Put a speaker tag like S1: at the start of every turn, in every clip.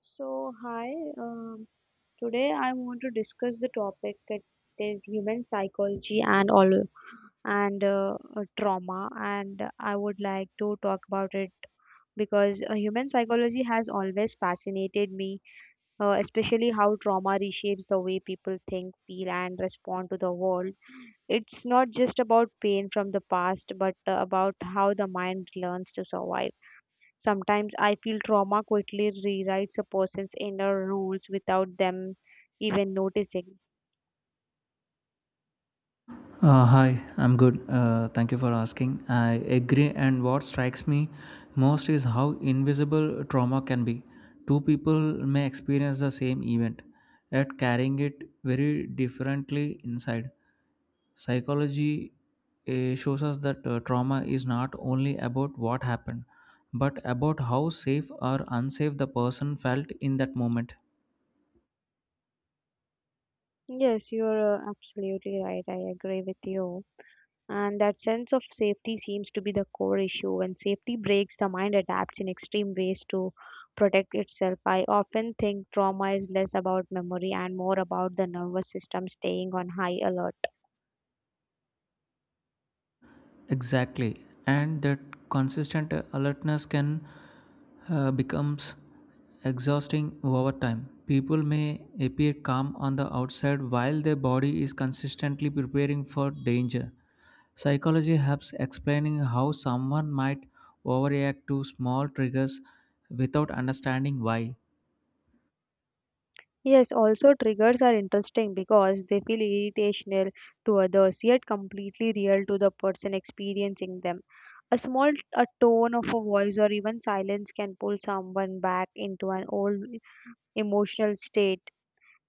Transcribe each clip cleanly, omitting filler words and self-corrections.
S1: So, hi, um, today I want to discuss the topic that is human psychology and all and trauma, and I would like to talk about it because human psychology has always fascinated me, especially how trauma reshapes the way people think, feel, and respond to the world. It's not just about pain from the past, but about how the mind learns to survive. Sometimes I feel trauma quickly rewrites a person's inner rules without them even noticing.
S2: Hi, I'm good. Thank you for asking. I agree, and what strikes me most is how invisible trauma can be. Two people may experience the same event, yet carrying it very differently inside. Psychology shows us that trauma is not only about what happened, but about how safe or unsafe the person felt in that moment.
S1: Yes, you're absolutely right. I agree with you. And that sense of safety seems to be the core issue. When safety breaks, the mind adapts in extreme ways to protect itself. I often think trauma is less about memory and more about the nervous system staying on high alert.
S2: Exactly, and that consistent alertness can becomes exhausting over time. People may appear calm on the outside while their body is consistently preparing for danger. Psychology helps explaining how someone might overreact to small triggers without understanding why.
S1: Yes, also triggers are interesting because they feel irritational to others yet completely real to the person experiencing them. A small a tone of a voice or even silence can pull someone back into an old emotional state.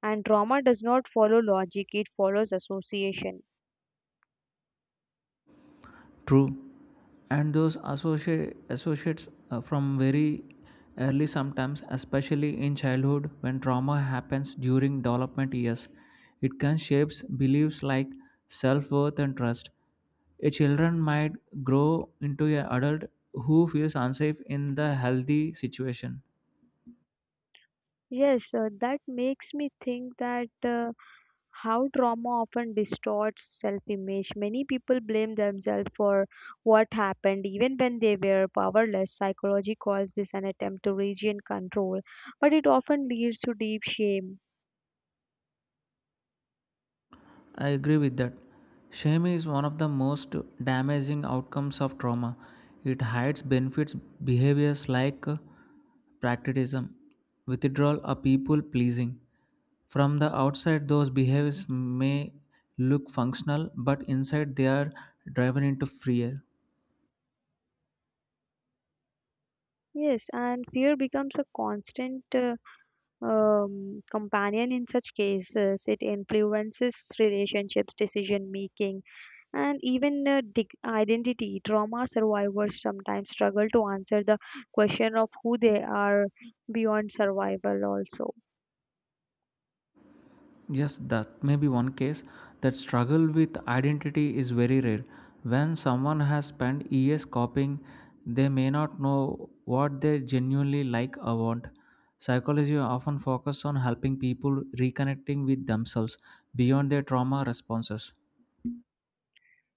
S1: And trauma does not follow logic, it follows association.
S2: True. And those associates from very early, sometimes, especially in childhood, when trauma happens during development years, it can shape beliefs like self worth and trust. A children might grow into an adult who feels unsafe in the healthy situation.
S1: Yes, that makes me think that. How trauma often distorts self image. Many people blame themselves for what happened, even when they were powerless. Psychology calls this an attempt to regain control, but it often leads to deep shame.
S2: I agree with that. Shame is one of the most damaging outcomes of trauma. It hides benefits behaviors like pragmatism, withdrawal, or people pleasing. From the outside, those behaviors may look functional, but inside they are driven into fear.
S1: Yes, and fear becomes a constant, companion in such cases. It influences relationships, decision making, and even identity. Trauma survivors sometimes struggle to answer the question of who they are beyond survival, also.
S2: Yes, that may be one case. That struggle with identity is very rare. When someone has spent years copying, they may not know what they genuinely like or want. Psychology often focuses on helping people reconnecting with themselves beyond their trauma responses.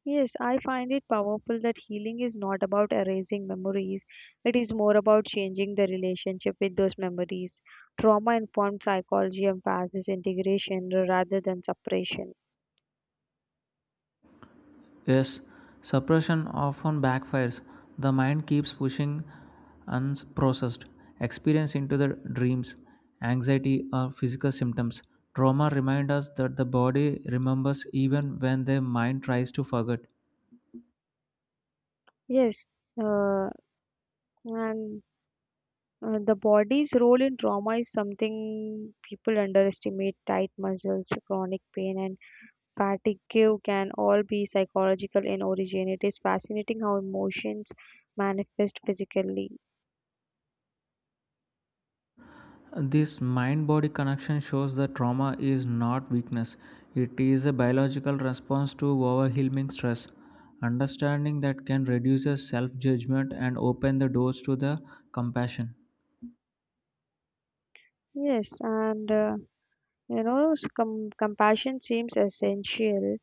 S1: Yes, I find it powerful that healing is not about erasing memories. It is more about changing the relationship with those memories. Trauma informed psychology emphasizes integration rather than separation.
S2: Yes, suppression often backfires. The mind keeps pushing unprocessed experience into the dreams, anxiety, or physical symptoms. Trauma reminds us that the body remembers even when the mind tries to forget.
S1: Yes, uh, And the body's role in trauma is something people underestimate. Tight muscles, chronic pain, and fatigue can all be psychological in origin. It is fascinating how emotions manifest physically.
S2: This mind body connection shows that trauma is not weakness, it is a biological response to overwhelming stress. Understanding that can reduce self judgment and open the doors to the compassion.
S1: Yes, and compassion seems essential,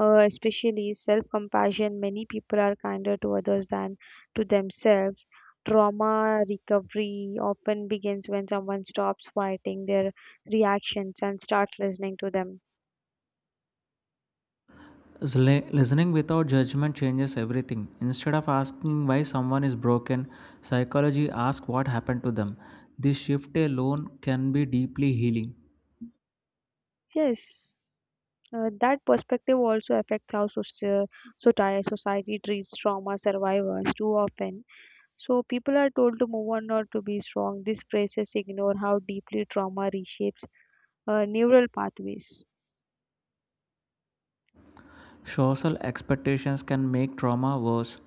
S1: especially self compassion. Many people are kinder to others than to themselves. Trauma recovery often begins when someone stops fighting their reactions and starts listening to them.
S2: Is listening without judgment changes everything. Instead of asking why someone is broken, psychology asks what happened to them. This shift alone can be deeply healing.
S1: Yes, that perspective also affects how society treats trauma survivors too often. So, people are told to move on or to be strong. These phrases ignore how deeply trauma reshapes neural pathways.
S2: Social expectations can make trauma worse.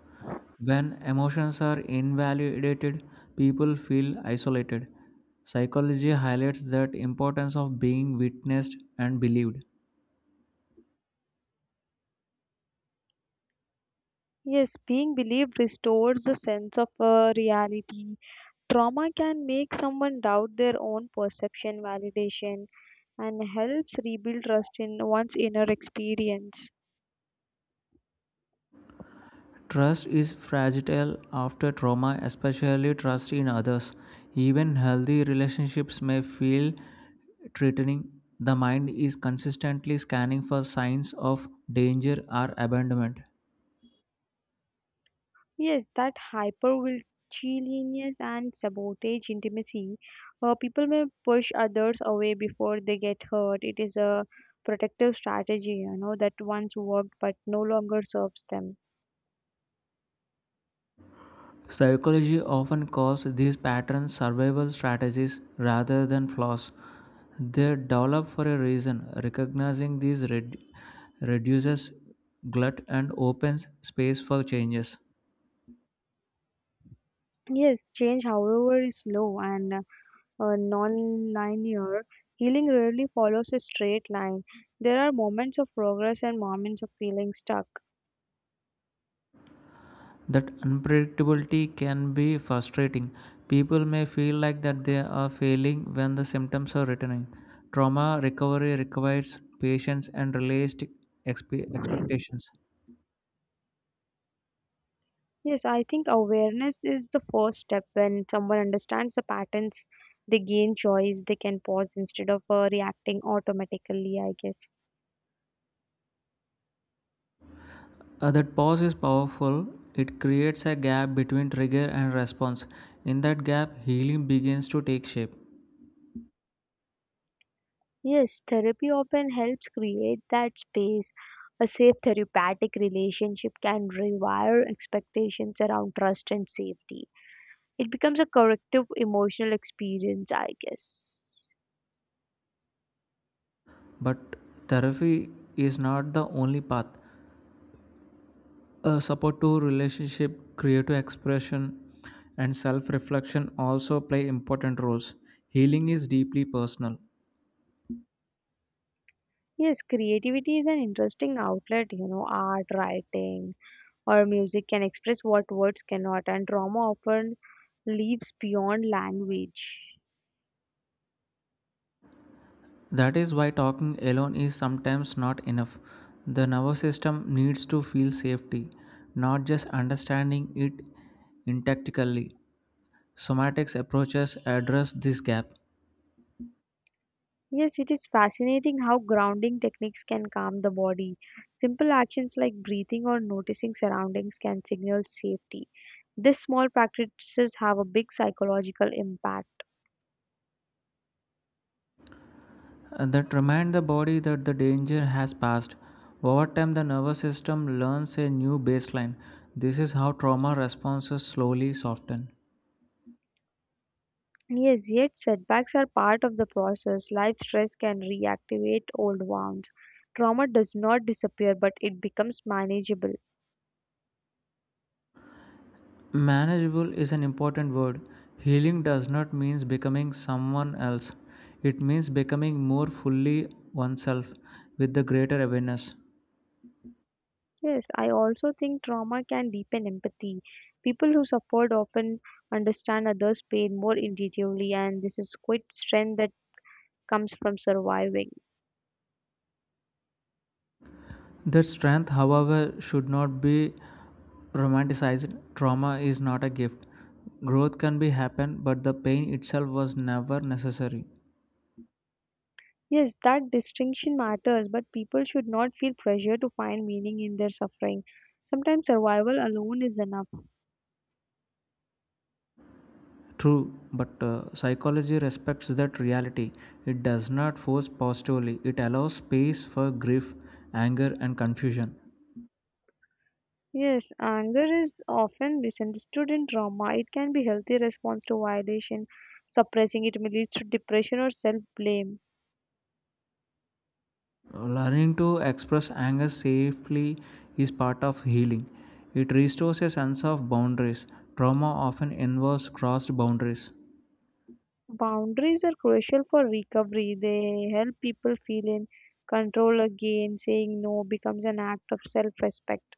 S2: When emotions are invalidated, people feel isolated. Psychology highlights that importance of being witnessed and believed.
S1: Yes, being believed restores a sense of reality. Trauma can make someone doubt their own perception, validation, and helps rebuild trust in one's inner experience.
S2: Trust is fragile after trauma, especially trust in others. Even healthy relationships may feel threatening. The mind is consistently scanning for signs of danger or abandonment.
S1: Yes, that hypervigilance and sabotage intimacy. People may push others away before they get hurt. It is a protective strategy, you know, that once worked but no longer serves them.
S2: Psychology often calls these patterns survival strategies rather than flaws. They develop for a reason. Recognizing these reduces glut and opens space for changes.
S1: Yes, change, however, is slow and, non-linear. Healing rarely follows a straight line. There are moments of progress and moments of feeling stuck.
S2: That unpredictability can be frustrating. People may feel like that they are failing when the symptoms are returning. Trauma recovery requires patience and realistic expectations.
S1: Yes, I think awareness is the first step. When someone understands the patterns, they gain choice. They can pause instead of reacting automatically, I guess.
S2: That pause is powerful. It creates a gap between trigger and response. In that gap, healing begins to take shape.
S1: Yes, therapy often helps create that space. A safe therapeutic relationship can rewire expectations around trust and safety. It becomes a corrective emotional experience, I guess.
S2: But therapy is not the only path. Support to relationship, creative expression, and self reflection also play important roles. Healing is deeply personal.
S1: Yes, creativity is an interesting outlet, you know, art, writing, or music can express what words cannot, and drama often leaves beyond language.
S2: That is why talking alone is sometimes not enough. The nervous system needs to feel safety, not just understanding it intactically. Somatics approaches address this gap.
S1: Yes, it is fascinating how grounding techniques can calm the body. Simple actions like breathing or noticing surroundings can signal safety. These small practices have a big psychological impact.
S2: That remind the body that the danger has passed. Over time, the nervous system learns a new baseline. This is how trauma responses slowly soften.
S1: Yes, yet setbacks are part of the process. Life stress can reactivate old wounds. Trauma does not disappear, but it becomes manageable.
S2: Manageable is an important word. Healing does not mean becoming someone else, it means becoming more fully oneself with the greater awareness.
S1: Yes, I also think trauma can deepen empathy. People who suffered often understand others' pain more intuitively, and this is quite strength that comes from surviving.
S2: That strength, however, should not be romanticized. Trauma is not a gift. Growth can be happen, but the pain itself was never necessary.
S1: Yes, that distinction matters, but people should not feel pressure to find meaning in their suffering. Sometimes survival alone is enough.
S2: True, but psychology respects that reality. It does not force positively, it allows space for grief, anger, and confusion.
S1: Yes, anger is often misunderstood in trauma. It can be healthy response to violation. Suppressing it may lead to depression or self-blame.
S2: Learning to express anger safely is part of healing. It restores a sense of boundaries. Trauma often involves crossed boundaries.
S1: Boundaries are crucial for recovery. They help people feel in control again. Saying no becomes an act of self-respect.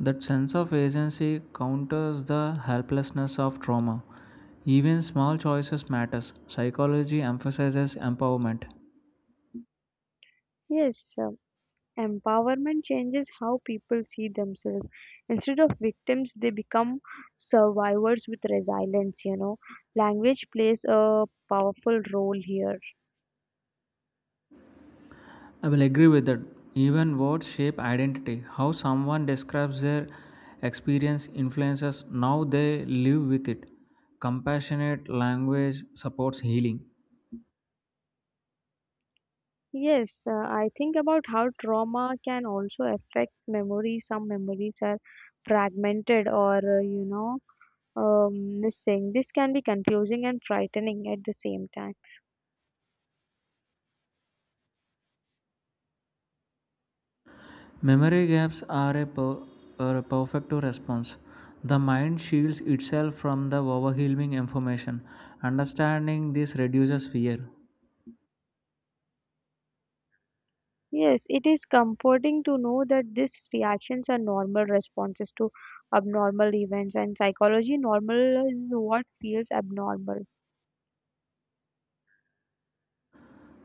S2: That sense of agency counters the helplessness of trauma. Even small choices matters. Psychology emphasizes empowerment.
S1: Yes, empowerment changes how people see themselves. Instead of victims, they become survivors with resilience, you know. Language plays a powerful role here.
S2: I will agree with that. Even words shape identity. How someone describes their experience influences how they live with it. Compassionate language supports healing.
S1: Yes, I think about how trauma can also affect memory. Some memories are fragmented or missing. This can be confusing and frightening at the same time.
S2: Memory gaps are are a perfect response. The mind shields itself from the overwhelming information. Understanding this reduces fear.
S1: Yes, it is comforting to know that these reactions are normal responses to abnormal events, and psychology normal is what feels abnormal.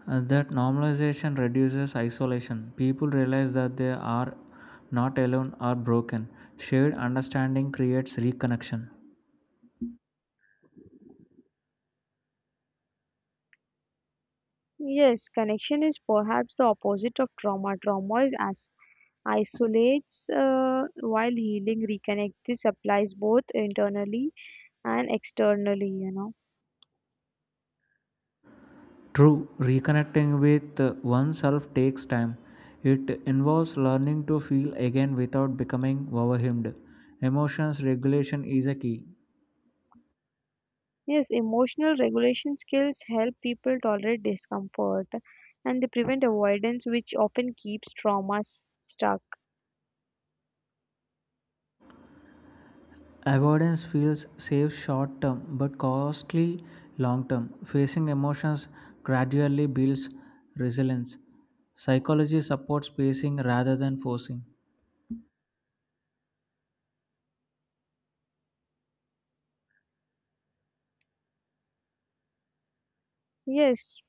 S2: That normalization reduces isolation. People realize that they are not alone or broken. Shared understanding creates reconnection.
S1: Yes, connection is perhaps the opposite of trauma. Trauma is isolates while healing reconnects applies both internally and externally, you know.
S2: True, reconnecting with oneself takes time. It involves learning to feel again without becoming overwhelmed. Emotions regulation is a key.
S1: Yes, emotional regulation skills help people tolerate discomfort and they prevent avoidance which often keeps trauma stuck.
S2: Avoidance feels safe short term but costly long term. Facing emotions gradually builds resilience. Psychology supports pacing rather than forcing.
S1: Yes,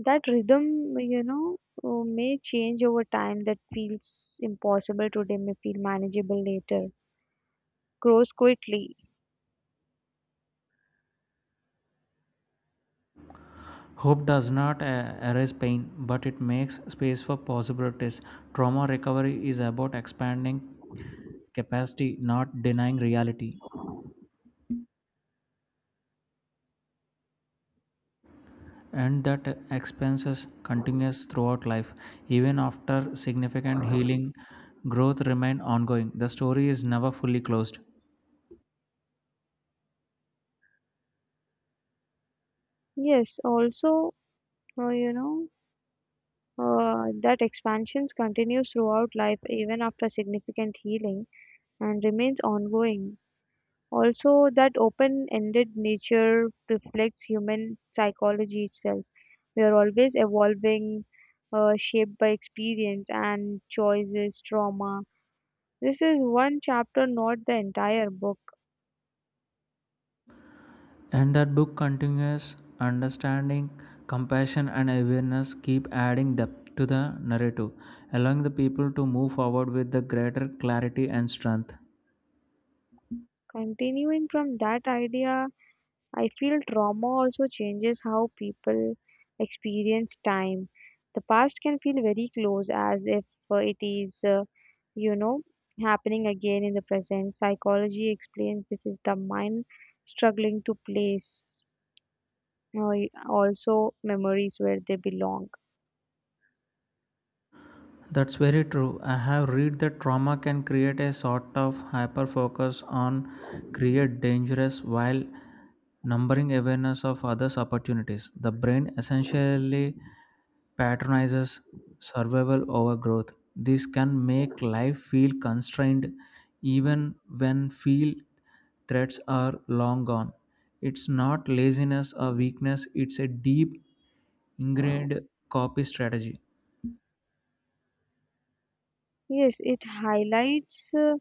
S1: that rhythm, you know, may change over time. That feels impossible today may feel manageable later, grows quickly.
S2: Hope does not erase pain, but it makes space for possibilities. Trauma recovery is about expanding capacity, not denying reality. And that expenses continues throughout life even after significant healing, growth remain ongoing, the story is never fully closed.
S1: Yes also uh, you know uh, that expansions continues throughout life even after significant healing and remains ongoing. Also, that open ended nature reflects human psychology itself. We are always evolving, shaped by experience and choices, trauma. This is one chapter, not the entire book.
S2: And that book continues understanding, compassion and awareness keep adding depth to the narrative, allowing the people to move forward with the greater clarity and strength.
S1: Continuing from that idea, I feel trauma also changes how people experience time. The past can feel very close as if it is, you know, happening again in the present. Psychology explains this is the mind struggling to place uh, also memories where they belong.
S2: That's very true. I have read that trauma can create a sort of hyper focus on create dangerous while numbering awareness of others opportunities. The brain essentially patronizes survival over growth. This can make life feel constrained even when feel threats are long gone. It's not laziness or weakness, it's a deep ingrained copy strategy.
S1: Yes, it highlights.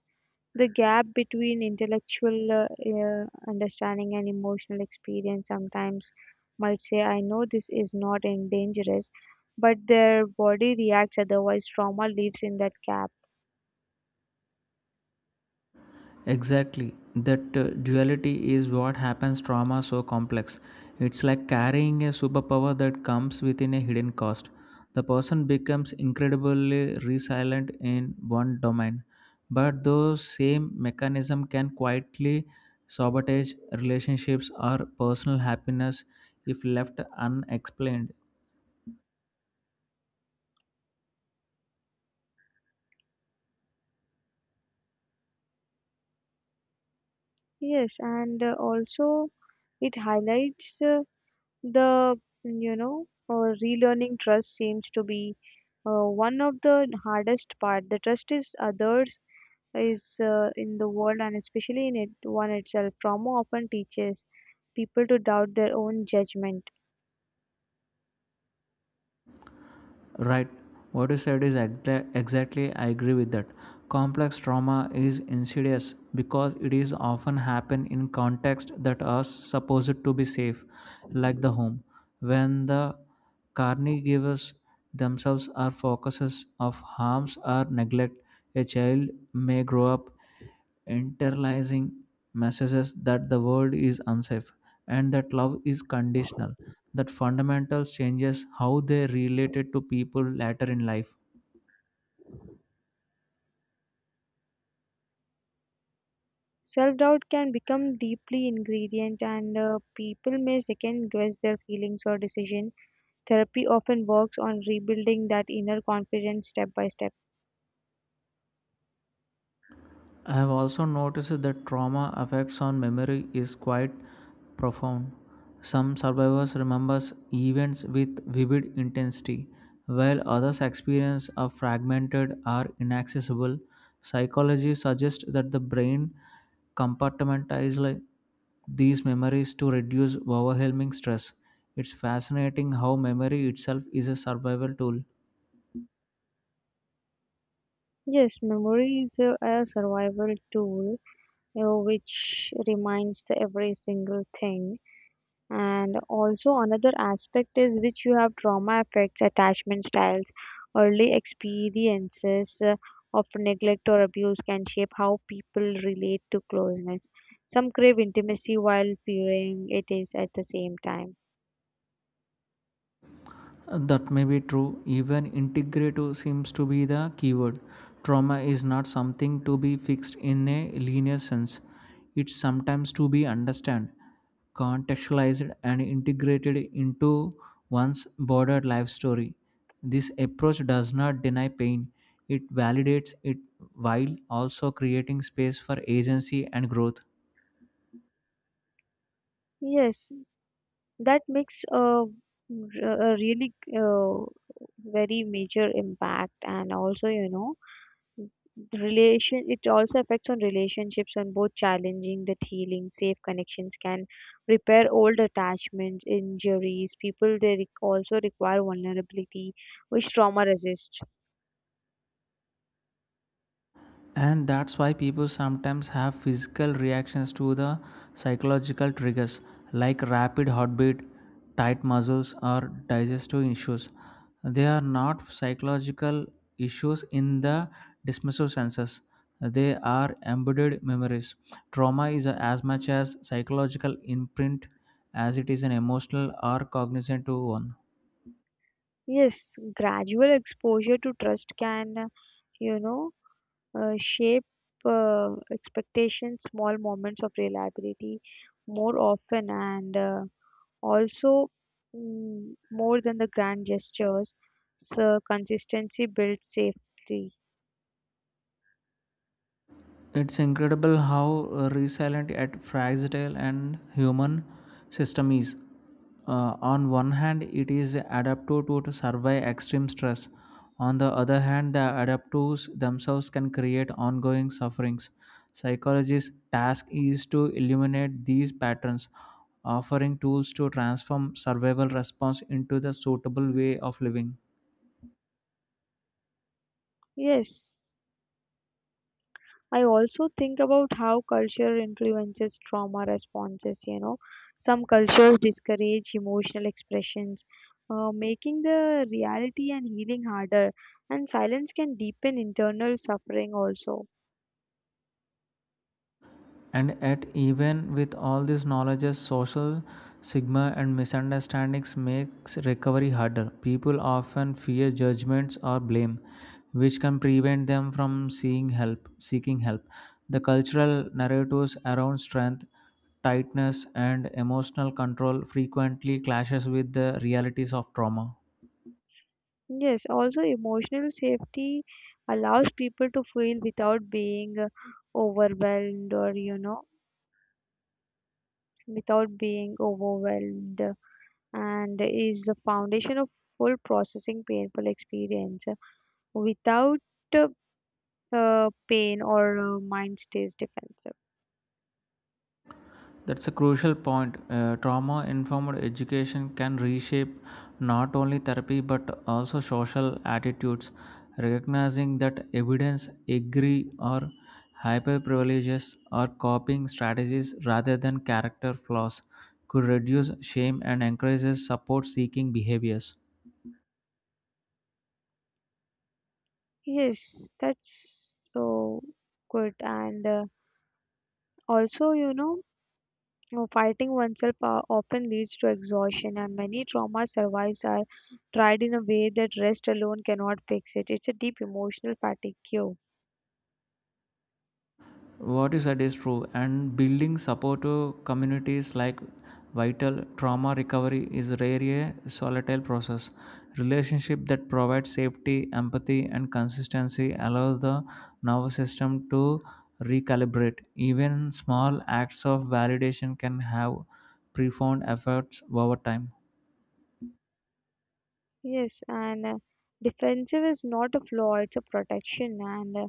S1: The gap between intellectual understanding and emotional experience sometimes might say, I know this is not in dangerous, but their body reacts otherwise. Trauma lives in that gap.
S2: Exactly. That duality is what happens trauma so complex. It's like carrying a superpower that comes within a hidden cost. The person becomes incredibly resilient in one domain, but those same mechanism can quietly sabotage relationships or personal happiness if left unexplained.
S1: Yes, and also it highlights the, relearning trust seems to be one of the hardest part. The trust is others is in the world and especially in it, one itself. Trauma often teaches people to doubt their own judgment.
S2: Right. What you said is exactly, I agree with that. Complex trauma is insidious because it is often happen in context that are supposed to be safe, like the home, when the caregivers themselves are focuses of harms or neglect. A child may grow up internalizing messages that the world is unsafe and that love is conditional that fundamental changes how they related to people later in life.
S1: Self-doubt can become deeply ingredient and people may second guess their feelings or decision. Therapy often works on rebuilding that inner confidence step by step.
S2: I have also noticed that trauma effects on memory is quite profound. Some survivors remember events with vivid intensity, while others experience a fragmented or inaccessible. Psychology suggests that the brain compartmentalizes like these memories to reduce overwhelming stress. It's fascinating how memory itself is a survival tool.
S1: Yes, memory is a survival tool, which reminds the every single thing. And also another aspect is which you have trauma affects attachment styles. Early experiences of neglect or abuse can shape how people relate to closeness. Some crave intimacy while fearing it is at the same time.
S2: That may be true. Even integrative seems to be the keyword. Trauma is not something to be fixed in a linear sense. It's sometimes to be understood, contextualized, and integrated into one's broader life story. This approach does not deny pain, it validates it while also creating space for agency and growth.
S1: Yes, that makes a really, very major impact. And also, you know, the relation it also affects on relationships on both challenging that healing safe connections can repair old attachments injuries people also require vulnerability which trauma resist.
S2: And that's why people sometimes have physical reactions to the psychological triggers like rapid heartbeat, tight muscles, or digestive issues. They are not psychological issues in the dismissive senses. They are embedded memories. Trauma is as much as psychological imprint as it is an emotional or cognizant one.
S1: Yes, gradual exposure to trust can, you know shape uh, expectations. Small moments of reliability more often and also, more than the grand gestures, so consistency builds safety.
S2: It's incredible how resilient at fragile and human system is. On one hand, it is adaptive to survive extreme stress. On the other hand, the adaptives themselves can create ongoing sufferings. Psychology's task is to illuminate these patterns, offering tools to transform survival response into the suitable way of living.
S1: Yes, I also think about how culture influences trauma responses. You know, some cultures discourage emotional expressions, making the reality and healing harder, and silence can deepen internal suffering also.
S2: And yet, even with all these knowledges, social stigma and misunderstandings makes recovery harder. People often fear judgments or blame, which can prevent them from seeking help. The cultural narratives around strength, tightness, and emotional control frequently clashes with the realities of trauma.
S1: Yes, also emotional safety allows people to feel without being overwhelmed or, you know, without being overwhelmed, and is the foundation of full processing painful experience without uh, pain or mind stays defensive.
S2: That's a crucial point. Trauma informed education can reshape not only therapy but also social attitudes. Recognizing that evidence agree or hyperprivileges or copying strategies rather than character flaws could reduce shame and encourages support seeking behaviors.
S1: Yes, that's so good. And also you know fighting oneself often leads to exhaustion, and many trauma survives are tried in a way that rest alone cannot fix it. It's a deep emotional fatigue.
S2: What you said is true, and building supportive communities like vital trauma recovery is rarely a solitary process. Relationship that provides safety, empathy and consistency allows the nervous system to recalibrate. Even small acts of validation can have profound effects over time.
S1: Yes, and defensive is not a flaw, it's a protection. And uh,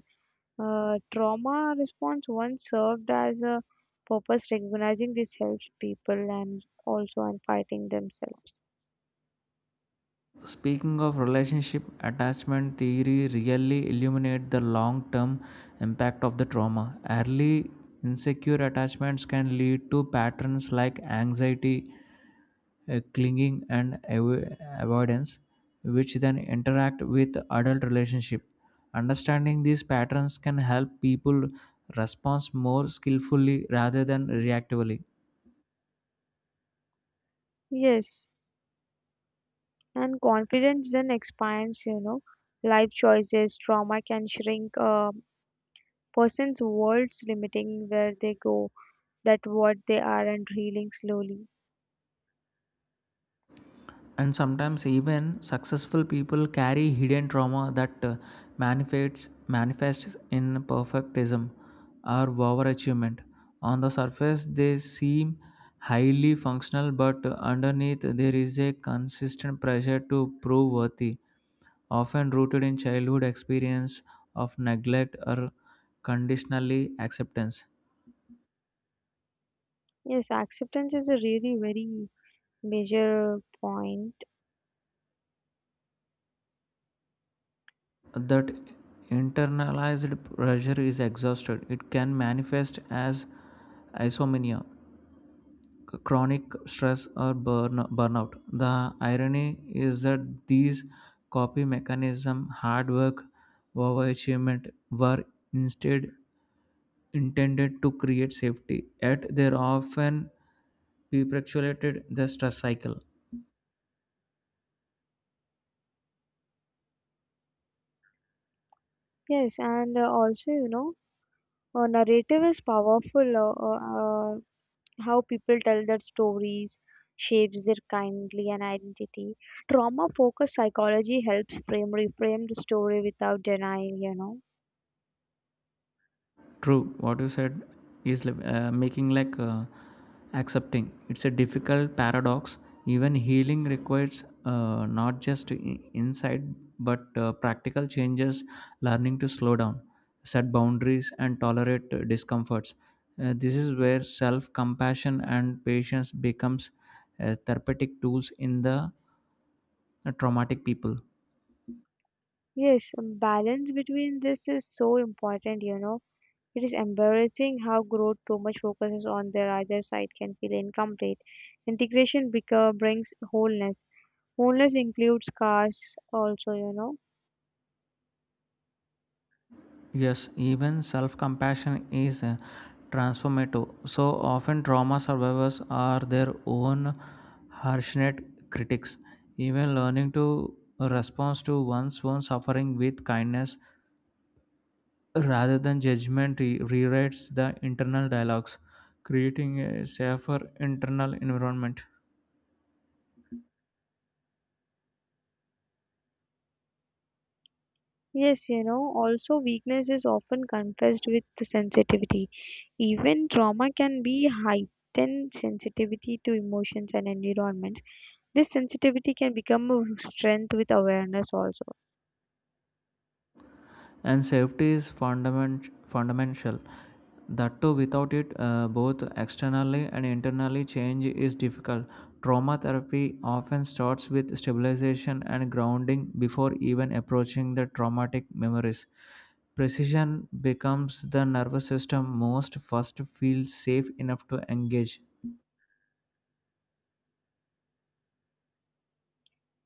S1: uh, trauma response once served as a purpose. Recognizing this helps people and also and fighting themselves.
S2: Speaking of relationship, attachment theory really illuminate the long-term impact of the trauma. Early insecure attachments can lead to patterns like anxiety, clinging, and avoidance, which then interact with adult relationship. Understanding these patterns can help people respond more skillfully rather than reactively.
S1: Yes, and confidence then expands, you know, life choices. Trauma can shrink a person's worlds, limiting where they go, that what they are, and healing slowly.
S2: And sometimes even successful people carry hidden trauma that manifests manifests in perfectism or overachievement. On the surface, they seem highly functional, but underneath there is a consistent pressure to prove worthy, often rooted in childhood experience of neglect or conditionally acceptance.
S1: Yes, acceptance is a really very major point.
S2: That internalized pressure is exhausted. It can manifest as isomania, chronic stress, or burnout. The irony is that these copy mechanism, hard work, overachievement, were instead intended to create safety, yet they're often perpetuated the stress cycle.
S1: Yes, and narrative is powerful. How people tell their stories shapes their kindly and identity. Trauma-focused psychology helps frame reframe the story without denying, you know.
S2: True, what you said is like, making like accepting. It's a difficult paradox. Even healing requires not just insight but practical changes, learning to slow down, set boundaries, and tolerate discomforts. This is where self compassion and patience becomes therapeutic tools in the traumatic people.
S1: Yes, balance between this is so important, you know. It is embarrassing how growth too much focuses on their either side can feel incomplete. Integration brings wholeness. Wholeness includes scars also, you know.
S2: Yes, even self compassion is transformative. So often, trauma survivors are their own harshness critics. Even learning to respond to one's own suffering with kindness rather than judgment rewrites the internal dialogues, creating a safer internal environment.
S1: Yes, you know, also weakness is often confessed with the sensitivity. Even trauma can be heightened sensitivity to emotions and environments. This sensitivity can become a strength with awareness also.
S2: And fundamental, that too without it both externally and internally change is difficult. Trauma therapy often starts with stabilization and grounding before even approaching the traumatic memories. Precision becomes the nervous system most first feels safe enough to engage.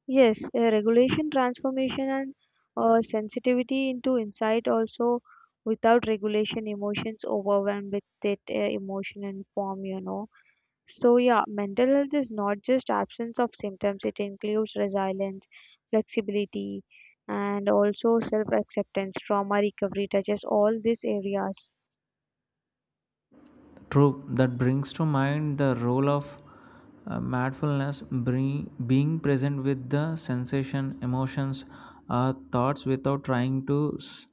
S1: Yes, regulation, transformation, and sensitivity into insight also. Without regulation, emotions overwhelmed with that emotion and form, you know. So yeah, mental health is not just absence of symptoms, it includes resilience, flexibility, and also self-acceptance. Trauma recovery touches all these areas.
S2: True, that brings to mind the role of being present with the sensation, emotions, or thoughts without trying to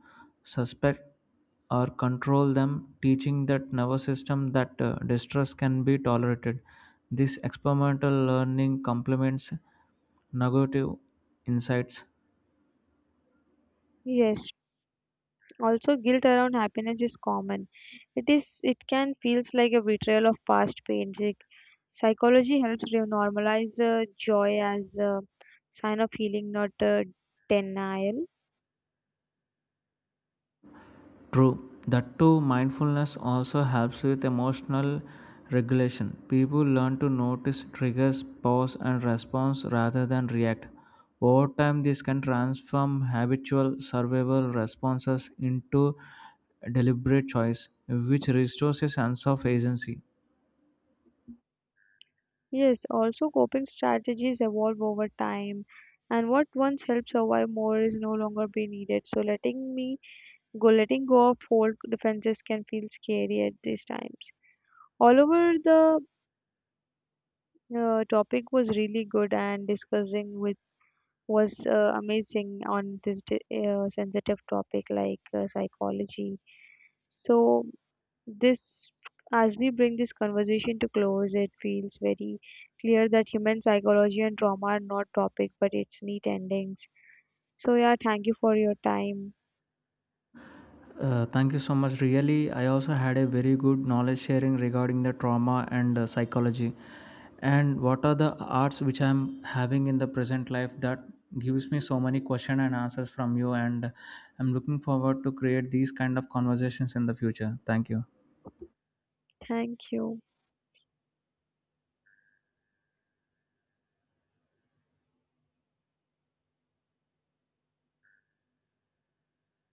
S2: suspect or control them, teaching that nervous system that distress can be tolerated. This experimental learning complements negative insights.
S1: Yes, also guilt around happiness is common. It is it can feels like a betrayal of past pain. Psychology helps normalize joy as a sign of healing, not denial.
S2: True. That too, mindfulness also helps with emotional regulation. People learn to notice triggers, pause, and response rather than react. Over time, this can transform habitual survival responses into deliberate choice, which restores a sense of agency.
S1: Yes, also coping strategies evolve over time, and what once helped survive more is no longer be needed. So letting go of old defenses can feel scary at these times. All over the topic was really good, and discussing with was amazing on this sensitive topic like psychology. So this, as we bring this conversation to close, it feels very clear that human psychology and trauma are not topic, but it's neat endings. So yeah, thank you for your time.
S2: Thank you so much. Really, I also had a very good knowledge sharing regarding the trauma and psychology, and what are the arts which I'm having in the present life that gives me so many question and answers from you. And I'm looking forward to create these kind of conversations in the future. Thank you.
S1: Thank you.